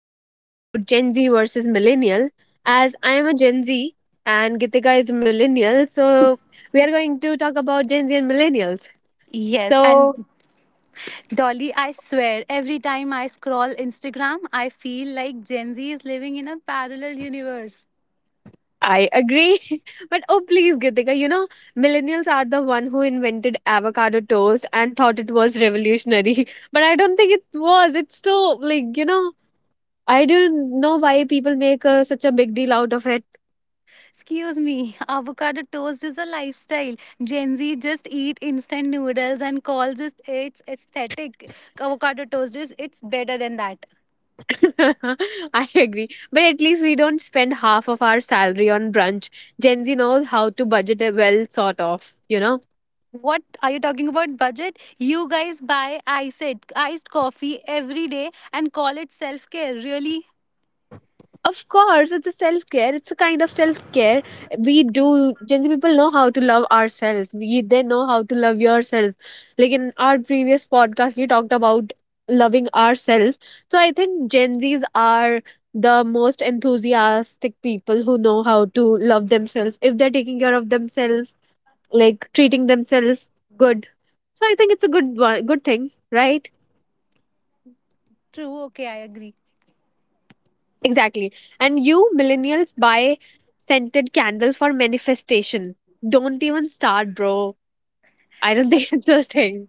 going to talk about Gen Z versus Millennial. As I am a Gen Z and Gitika is a Millennial, so we are going to talk about Gen Z and Millennials. Yes, So and Dolly, I swear, every time I scroll Instagram, I feel like Gen Z is living in a parallel universe. I agree, but oh please, Gitika, Millennials are the one who invented avocado toast and thought it was revolutionary, but I don't think it was. It's so like you know. I don't know why people make such a big deal out of it. Excuse me, avocado toast is a lifestyle. Gen Z just eat instant noodles and calls it its aesthetic. Avocado toast is it's better than that. I agree. But at least we don't spend half of our salary on brunch. Gen Z knows how to budget it well, sort of, you know? What are you talking about budget? You guys buy iced coffee every day and call it self-care. Really? Of course, it's a self care. It's a kind of self care. We do, Gen Z people know how to love ourselves. They know how to love yourself. Like in our previous podcast, we talked about loving ourselves. So I think Gen Zs are the most enthusiastic people who know how to love themselves. If they're taking care of themselves, like treating themselves good. So I think it's a good thing, right? True. Okay, I agree. Exactly. And you millennials buy scented candles for manifestation. Don't even start, bro. I don't think it's a thing.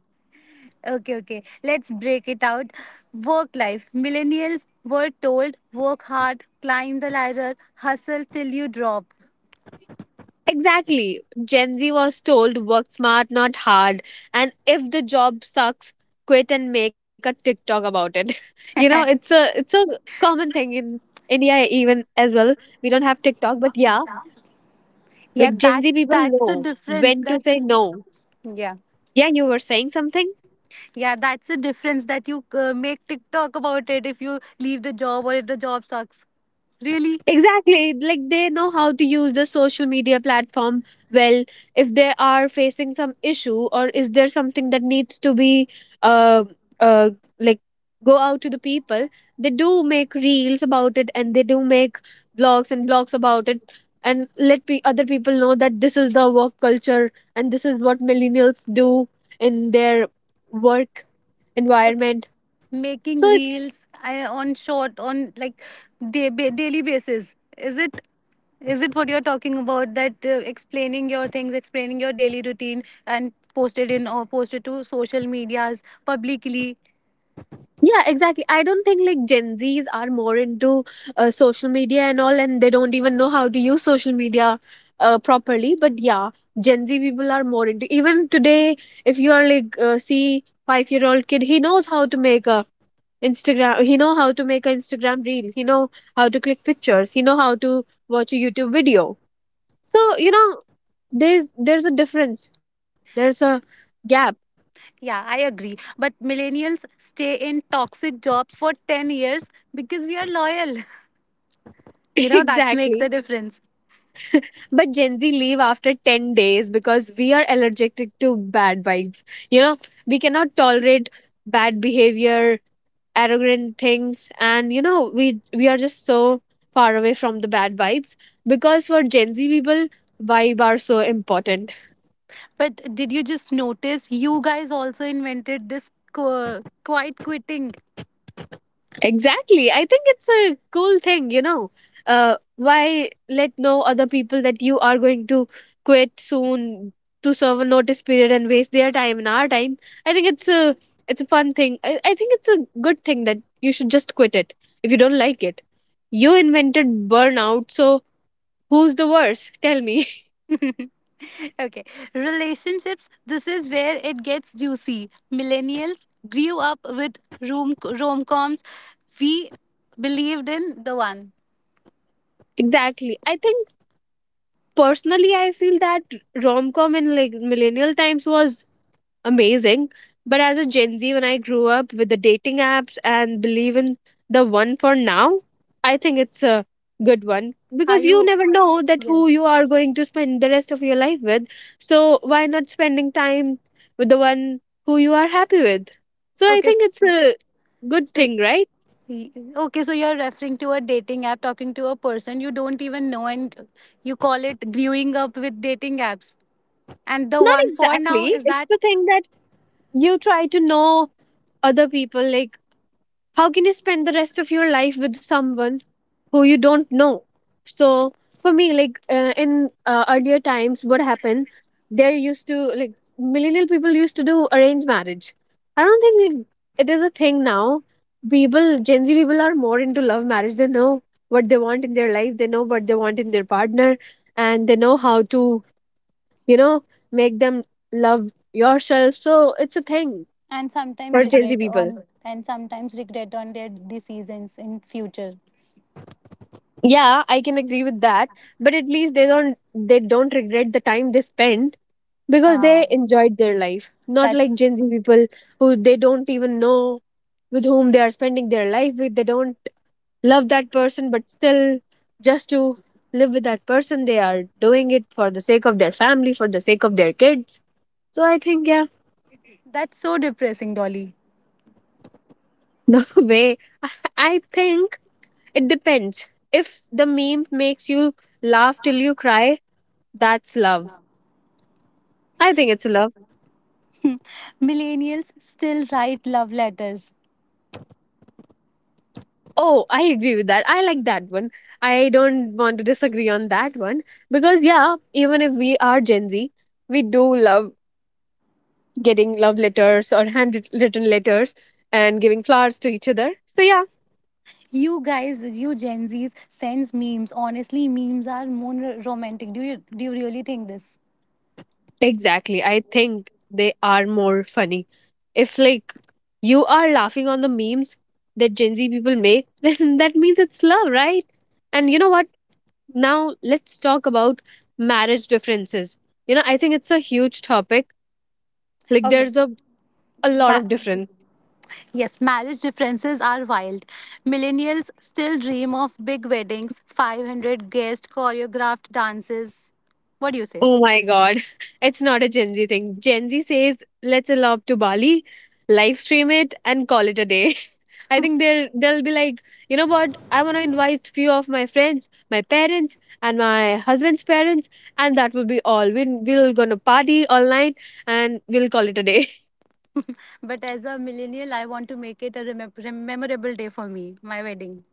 Okay. Let's break it out. Work life. Millennials were told work hard, climb the ladder, hustle till you drop. Exactly. Gen Z was told work smart, not hard. And if the job sucks, quit and make a TikTok about it. It's a common thing in India even as well. We don't have TikTok, but yeah, Yeah, like Gen that Z people that's the know difference when to that say no. yeah. Yeah, you were saying something? Yeah, that's the difference that you make TikTok about it if you leave the job or if the job sucks. Really? Exactly. Like they know how to use the social media platform well. If they are facing some issue or is there something that needs to be uh uh like go out to the people, they do make reels about it and they do make blogs about it and let other people know that this is the work culture and this is what millennials do in their work environment. Making So reels I, on short on like day, daily basis, is it what you're talking about, that explaining your things, explaining your daily routine and posted in or posted to social medias publicly? Yeah, exactly. I don't think like Gen Zs are more into social media and all, and they don't even know how to use social media properly. But yeah, Gen Z people are more into. Even today, if you are like see 5-year-old old kid, he knows how to make a Instagram. He know how to make an Instagram reel. He know how to click pictures. He know how to watch a YouTube video. So you know, there's a difference. There's a gap. Yeah, I agree, but millennials stay in toxic jobs for 10 years because we are loyal. You know, that makes Exactly. a difference. But Gen Z leave after 10 days because we are allergic to bad vibes. You know, we cannot tolerate bad behavior, arrogant things, and you know, we are just so far away from the bad vibes because for Gen Z people, vibe are so important. But did you just notice you guys also invented this quiet quitting? Exactly. I think it's a cool thing, you know. Why let know other people that you are going to quit soon to serve a notice period and waste their time and our time? I think it's a fun thing. I think it's a good thing that you should just quit it if you don't like it. You invented burnout, so who's the worse? Tell me. Okay, relationships. This is where it gets juicy. Millennials grew up with rom coms. We believed in the one. Exactly. I think personally I feel that rom com in like millennial times was amazing. But as a Gen Z, when I grew up with the dating apps and believe in the one for now, I think it's a good one Are because you you? never know that who Yes. you are going to spend the rest of your life with. So why not spending time with the one who you are happy with? So I Okay. think it's So, a good so thing, right? okay. So you're referring to a dating app, talking to a person you don't even know, and you call it growing up with dating apps. And the Not one for now exactly. is It's that, the thing that you try to know other people like how can you spend the rest of your life with someone who you don't know. So for me like in earlier times what happened, there used to like millennial people used to do arranged marriage. I don't think like, it is a thing now. People, Gen Z people are more into love marriage. They know what they want in their life, they know what they want in their partner, and they know how to, you know, make them love yourself, so it's a thing for Gen Z people. And sometimes regret on their decisions in future. Yeah, I can agree with that, but at least they don't, they don't regret the time they spent because they Ah, enjoyed their life, not like that's Gen Z people who they don't even know with whom they are spending their life with. They don't love that person but still just to live with that person they are doing it for the sake of their family, for the sake of their kids. So I think, yeah. That's so depressing, Dolly. No way. I think it depends. If the meme makes you laugh till you cry, that's love. I think it's love. Millennials still write love letters. Oh, I agree with that. I like that one. I don't want to disagree on that one because yeah, even if we are Gen Z, we do love getting love letters or handwritten letters and giving flowers to each other. So yeah, You guys, you Gen Zs, sends memes. Honestly, memes are more romantic. Do you really think this? exactly. I think they are more funny. If like you are laughing on the memes that Gen Z people make, then that means it's love, right? And you know what? Now let's talk about marriage differences. You know, I think it's a huge topic. Like Okay. there's a, a lot Ma- of difference. yes, marriage differences are wild. Millennials still dream of big weddings, 500 guest choreographed dances. What do you say? Oh my god. It's not a Gen Z thing. Gen Z says let's elope to Bali, live stream it and call it a day. I think they'll be like, you know what? I wanna invite few of my friends, my parents and my husband's parents, and that will be all. We'll gonna party all night and we'll call it a day. But as a millennial, I want to make it a memorable day for me, my wedding.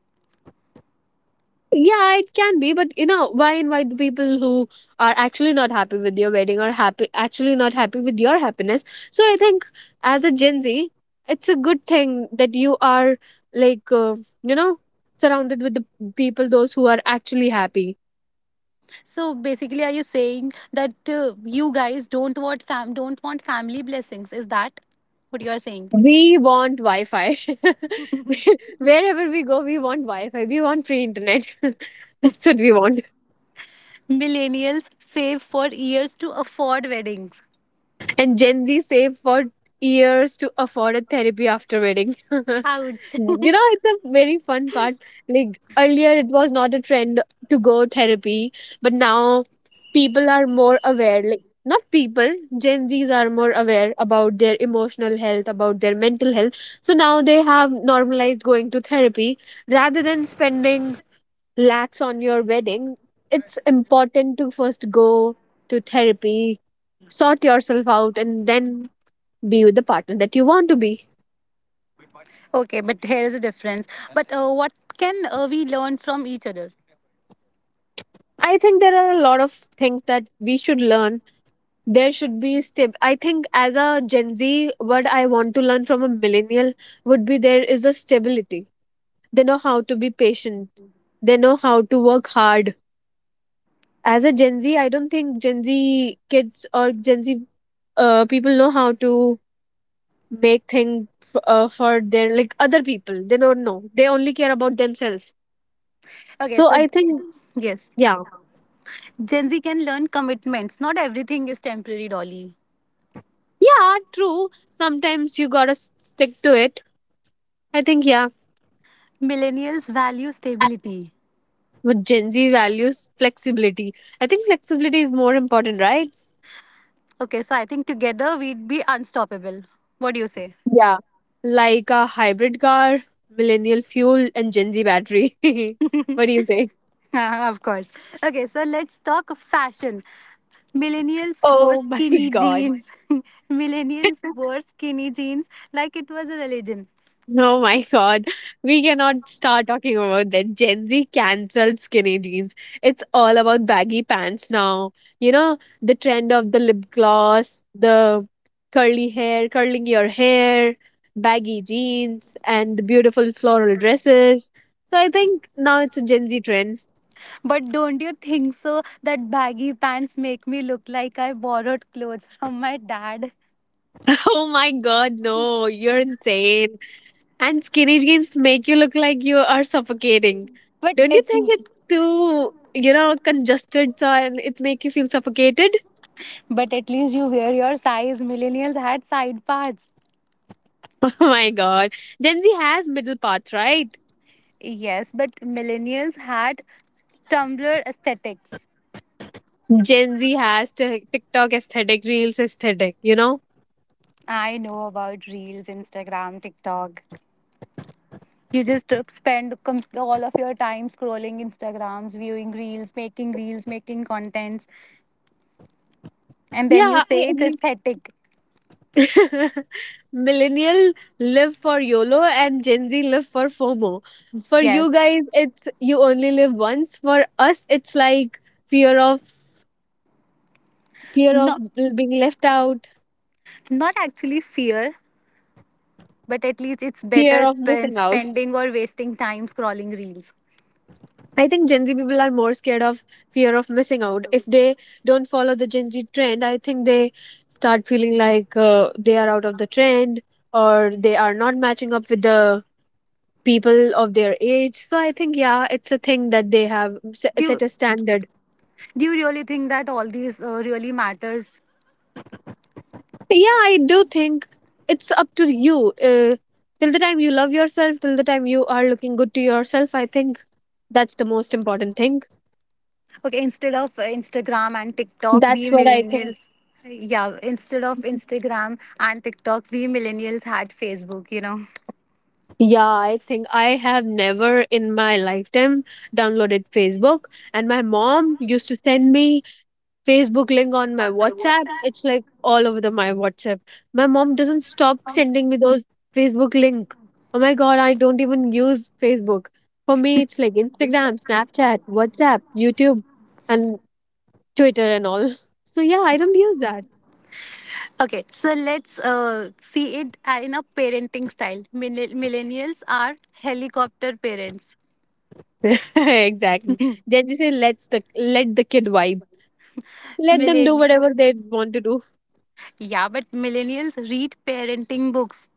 Yeah, it can be, but you know, why invite the people who are actually not happy with your wedding or happy actually not happy with your happiness? So I think as a Gen Z, it's a good thing that you are like you know surrounded with the people those who are actually happy. So basically, are you saying that you guys don't want fam, don't want family blessings? Is that what you are saying? We want Wi-Fi. Wherever we go, we want Wi-Fi. We want free internet. That's what we want. Millennials save for years to afford weddings. And Gen Z save for years to afford a therapy after wedding. You Ouch. know, it's a very fun part. Like earlier, it was not a trend to go therapy, but now people are more aware. Like not people, Gen Zs are more aware about their emotional health, about their mental health. So now they have normalized going to therapy rather than spending lax on your wedding, it's important to first go to therapy, sort yourself out, and then be with the partner that you want to be. Okay, but here is a difference. But what can we learn from each other? I think there are a lot of things that we should learn. There should be stab- I think as a Gen Z, what I want to learn from a millennial would be there is a stability. They know how to be patient. They know how to work hard. As a Gen Z, I don't think Gen Z kids or Gen Z people know how to make things for their like other people. They don't know, they only care about themselves, Okay, so I so think yes, yeah. Gen Z can learn commitments. Not everything is temporary, Dolly. Yeah, true, sometimes you gotta stick to it. I think yeah. Millennials value stability. But Gen Z values flexibility. I think flexibility is more important, right? Okay, so I think together we'd be unstoppable. What do you say? Yeah, like a hybrid car, millennial fuel and Gen Z battery. What do you say? Of course. Okay, so let's talk of fashion. Millennials wore Oh my skinny god. jeans. Millennials wore skinny jeans like it was a religion. Oh my god, we cannot start talking about that. Gen Z cancelled skinny jeans. It's all about baggy pants now. You know, the trend of the lip gloss, the curling your hair, baggy jeans, and the beautiful floral dresses. So I think now it's a Gen Z trend. But don't you think so that baggy pants make me look like I borrowed clothes from my dad? Oh my god, no, you're insane. And skinny jeans make you look like you are suffocating. But Don't you at think it's too, you know, congested so and it make you feel suffocated? but at least you wear your size. Millennials had side parts. Oh my god. Gen Z has middle path, right? Yes, but millennials had Tumblr aesthetics. Gen Z has TikTok aesthetic, Reels aesthetic, you know? I know about Reels, Instagram, TikTok. You just spend all of your time scrolling Instagrams, viewing reels, making contents, and then you Yeah, I say it's agree. aesthetic. Millennial live for YOLO and Gen Z live for FOMO. For you Yes, guys, it's you only live once. For us, it's like fear of fear of not being left out, not actually fear, but at least it's fear better of missing out. spending or wasting time scrolling reels. I think Gen Z people are more scared of fear of missing out. If they don't follow the Gen Z trend, I think they start feeling like they are out of the trend or they are not matching up with the people of their age. So I think, yeah, it's a thing that they have Do you, set a standard. do you really think that all these really matters? Yeah, I do think it's up to you, till the time you love yourself, till the time you are looking good to yourself, I think that's the most important thing. Okay, instead of Instagram and TikTok, we That's what I think. millennials. Yeah, instead of Instagram and TikTok, we millennials had Facebook. You know. Yeah, I think I have never in my lifetime downloaded Facebook, and my mom used to send me Facebook link on my WhatsApp. It's like all over the my WhatsApp. My mom doesn't stop sending me those Facebook link. Oh my god, I don't even use Facebook. For me, it's like Instagram, Snapchat, WhatsApp, YouTube, and Twitter and all. So yeah, I don't use that. Okay, so let's see it in a parenting style. Millennials are helicopter parents. Exactly. Gen Z say let the kid vibe. Let them do Millen- whatever they want to do. yeah, but millennials read parenting books.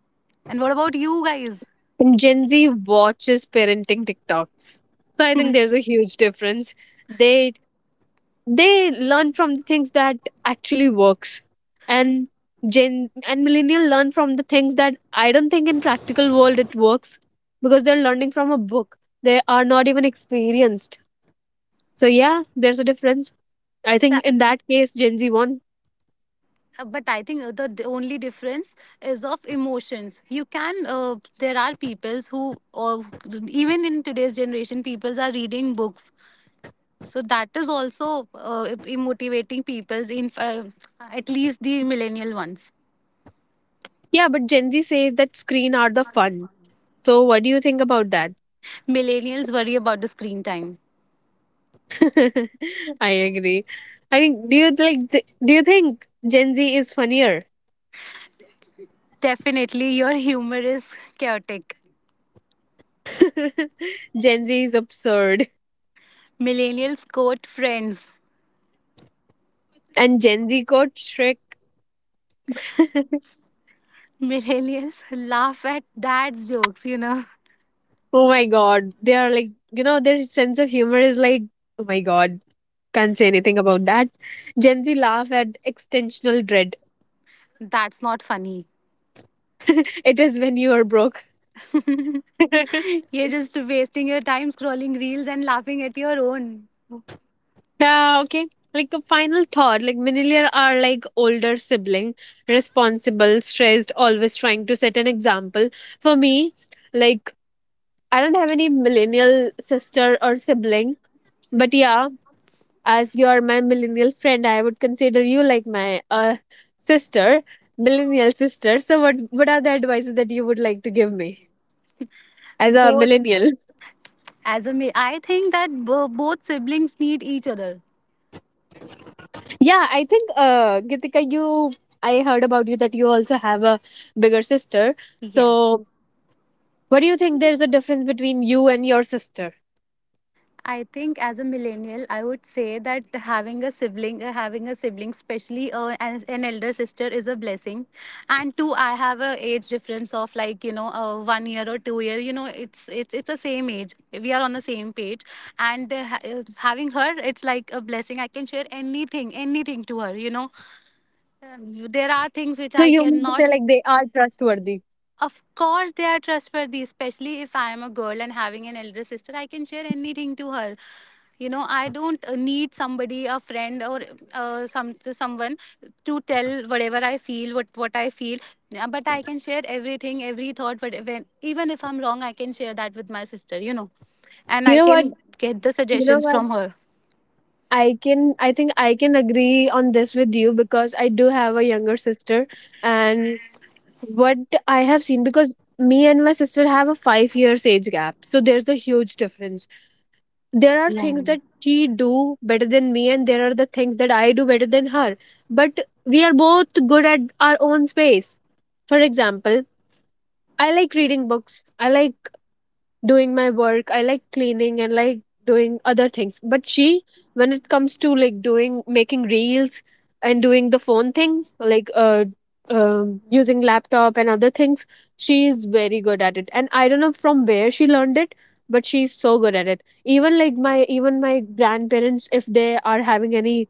And what about you guys? And Gen Z watches parenting TikToks. So I think there's a huge difference. They they learn from the things that actually works, and gen and millennial learn from the things that I don't think in practical world it works, because they're learning from a book, they are not even experienced. So yeah, there's a difference. I think That, in that case Gen Z won. But I think the only difference is of emotions. You can, there are peoples who, or even in today's generation, peoples are reading books. So that is also motivating peoples in at least the millennial ones. Yeah, but Gen Z says that screen are the fun, so what do you think about that? Millennials worry about the screen time. I agree. I think do you like do you think Gen Z is funnier? Definitely, your humor is chaotic. Gen Z is absurd. Millennials quote friends. And Gen Z quote Shrek. Millennials laugh at dad's jokes, you know. Oh my god. They are like, you know, their sense of humor is like, oh my god, can't say anything about that. Gen Z laugh at extensional dread. That's not funny. It is when you are broke. You're just wasting your time scrolling reels and laughing at your own. Yeah, okay. Like a final thought, like millennials are like older sibling, responsible, stressed, always trying to set an example. For me, like, I don't have any millennial sister or sibling, but yeah, as you are my millennial friend, I would consider you like my sister, millennial sister. So, what are the advices that you would like to give me as a Both. millennial? As a, I think that both siblings need each other. Yeah, I think Gitika, you, I heard about you that you also have a bigger sister. Yes. So, what do you think? There's a difference between you and your sister. I think as a millennial, I would say that having a sibling, especially an elder sister, is a blessing. And two, I have a age difference of like, you know, 1 year or 2 year. You know, it's the same age. We are on the same page, and having her, it's like a blessing. I can share anything, anything to her. You know, um, there are things So which you I mean to say like cannot. they are trustworthy? Of course, they are trustworthy, especially if I am a girl and having an elder sister. I can share anything to her. You know, I don't need somebody, a friend, or some someone to tell whatever I feel, what I feel. Yeah, but I can share everything, every thought. But when, even if I'm wrong, I can share that with my sister. You know, and You I know what? can get the You know suggestions what? from her. I think I can agree on this with you because I do have a younger sister, and what I have seen, because me and my sister have a 5 years age gap. So there's a huge difference. There are Yeah. things that she do better than me, and there are the things that I do better than her. But we are both good at our own space. For example, I like reading books. I like doing my work, I like cleaning and like doing other things. But she, when it comes to like doing making reels and doing the phone thing, like using laptop and other things, she is very good at it, and I don't know from where she learned it, but she's so good at it. Even like my, even my grandparents, if they are having any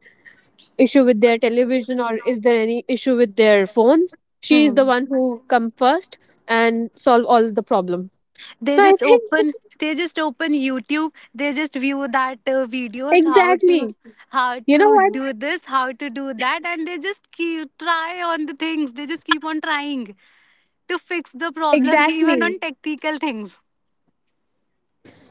issue with their television or is there any issue with their phone, she is the Hmm. one who come first and solve all the problem. they So I just think, open they just open YouTube. They just view that videos, exactly. how to You know what? do this, how to do that, and they just keep try on the things. They just keep on trying to fix the problem. Even Exactly. on technical things.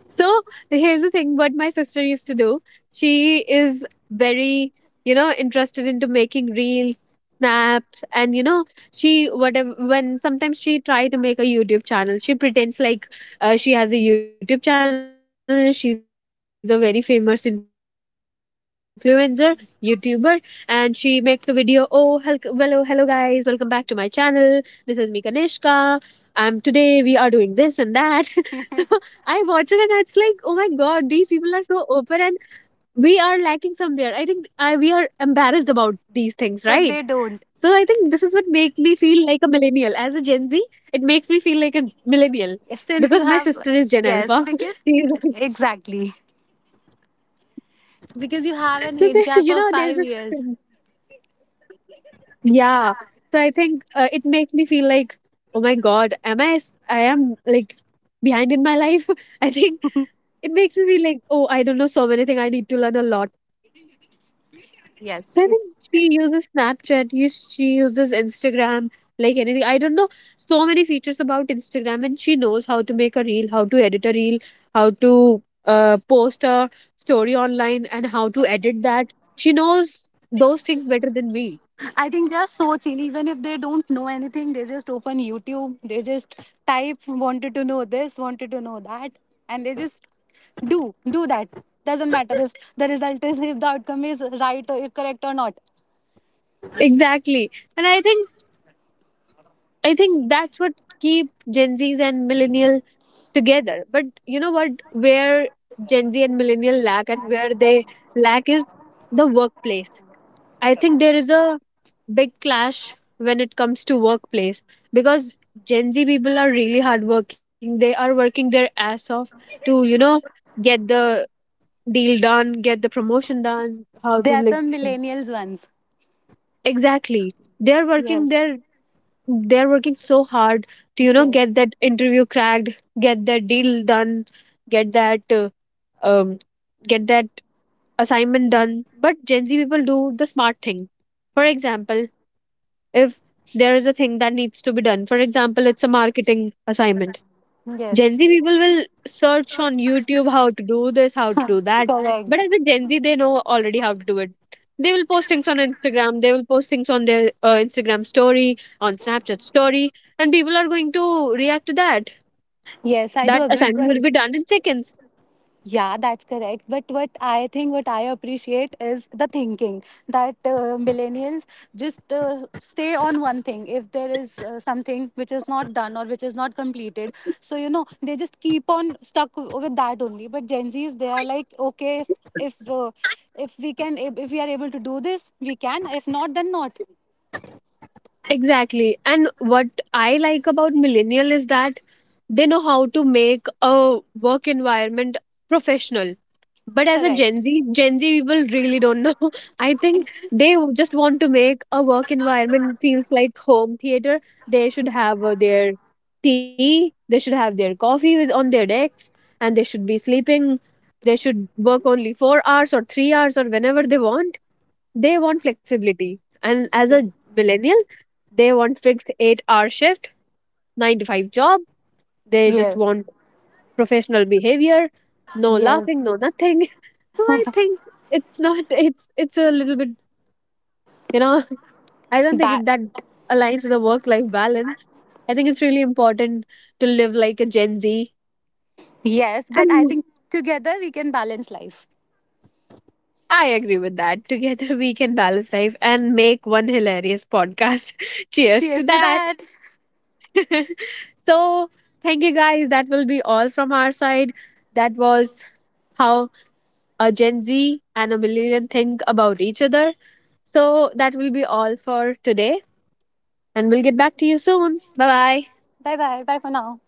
So here's the thing what my sister used to do. She is very, you know, interested into making reels, snaps, and you know, she whatever when sometimes she try to make a YouTube channel. She pretends like she has a YouTube channel. She's a very famous influencer, YouTuber, and she makes a video. Oh, hello, hello guys, welcome back to my channel. This is me, Kanishka. Today we are doing this and that. So I watch it and it's like, oh my god, these people are so open, and we are lacking somewhere. I think I we are embarrassed about these things, right? But So they I think don't, this is what makes me feel like a millennial. As a Gen Z, it makes me feel like a millennial because my since you sister have, is Gen Alpha. yes, because She's like, exactly, because you have an so age they, gap you of know, 5 there's this, years. yeah. So I think it makes me feel like, oh my god, am I? I am like behind in my life. I think it makes me feel like, oh, I don't know so many things. I need to learn a lot. Yes, So I think it's. she uses Snapchat, yes, she uses Instagram, like anything. I don't know so many features about Instagram, and she knows how to make a reel, how to edit a reel, how to post a story online, and how to edit that. She knows those things better than me. I think they are so chill. Even if they don't know anything, they just open YouTube. They just type wanted to know this, wanted to know that, and they just do that. Doesn't matter if the result is, if the outcome is right or correct or not. Exactly, and I think that's what keep Gen Zs and millennial together. But you know what? Where Gen Z and millennial lack, and where they lack is the workplace. I think there is a big clash when it comes to workplace, because Gen Z people are really hardworking. They are working their ass off to, you know, get the deal done, get the promotion done, how They to are like, the millennials ones. exactly. They're working Yes. their they're working so hard to, you know, get that Yes. interview cracked, get that deal done, get that uh, um get that assignment done. But Gen Z people do the smart thing. For example, if there is a thing that needs to be done. For example, it's a marketing assignment. Gen Yes. Z people will search on YouTube how to do this, how to do that. But Correct. as a Gen Z, they know already how to do it. They will post things on Instagram, they will post things on their Instagram story, on Snapchat story, and people are going to react to that. Yes, I do That agree. assignment But will be done in seconds. yeah, that's correct. But what I think, what I appreciate is the thinking that millennials just stay on one thing. If there is something which is not done or which is not completed, so you know, they just keep on stuck with that only. But Gen Zs, they are like, okay, if if uh, if we can, if we are able to do this, we can. If not, then not. Exactly. And what I like about millennial is that they know how to make a work environment professional. But as a Gen Correct. Z, Gen Z people really don't know. I I think think they just want to make a work environment feels like home theater. They should have their tea, they should have their coffee with on their decks, and they should be sleeping. They should work only 4 hours or 3 hours or whenever they want. They want flexibility. And as a millennial, they want fixed 8 hour shift, 9 to 5 job. They just want professional behavior, no laughing, no nothing. So I think it's not it's it's a little bit, you know, I don't think that it- that aligns with the work life balance. I think it's really important to live like a Gen Z. yes, but And I think together we can balance life. I agree with that. Together we can balance life and make one hilarious podcast. Cheers Cheers to to that. that. So thank you guys. That will be all from our side. That was how a Gen Z and a millennial think about each other. So that will be all for today. And we'll get back to you soon. Bye bye. Bye bye. Bye for now.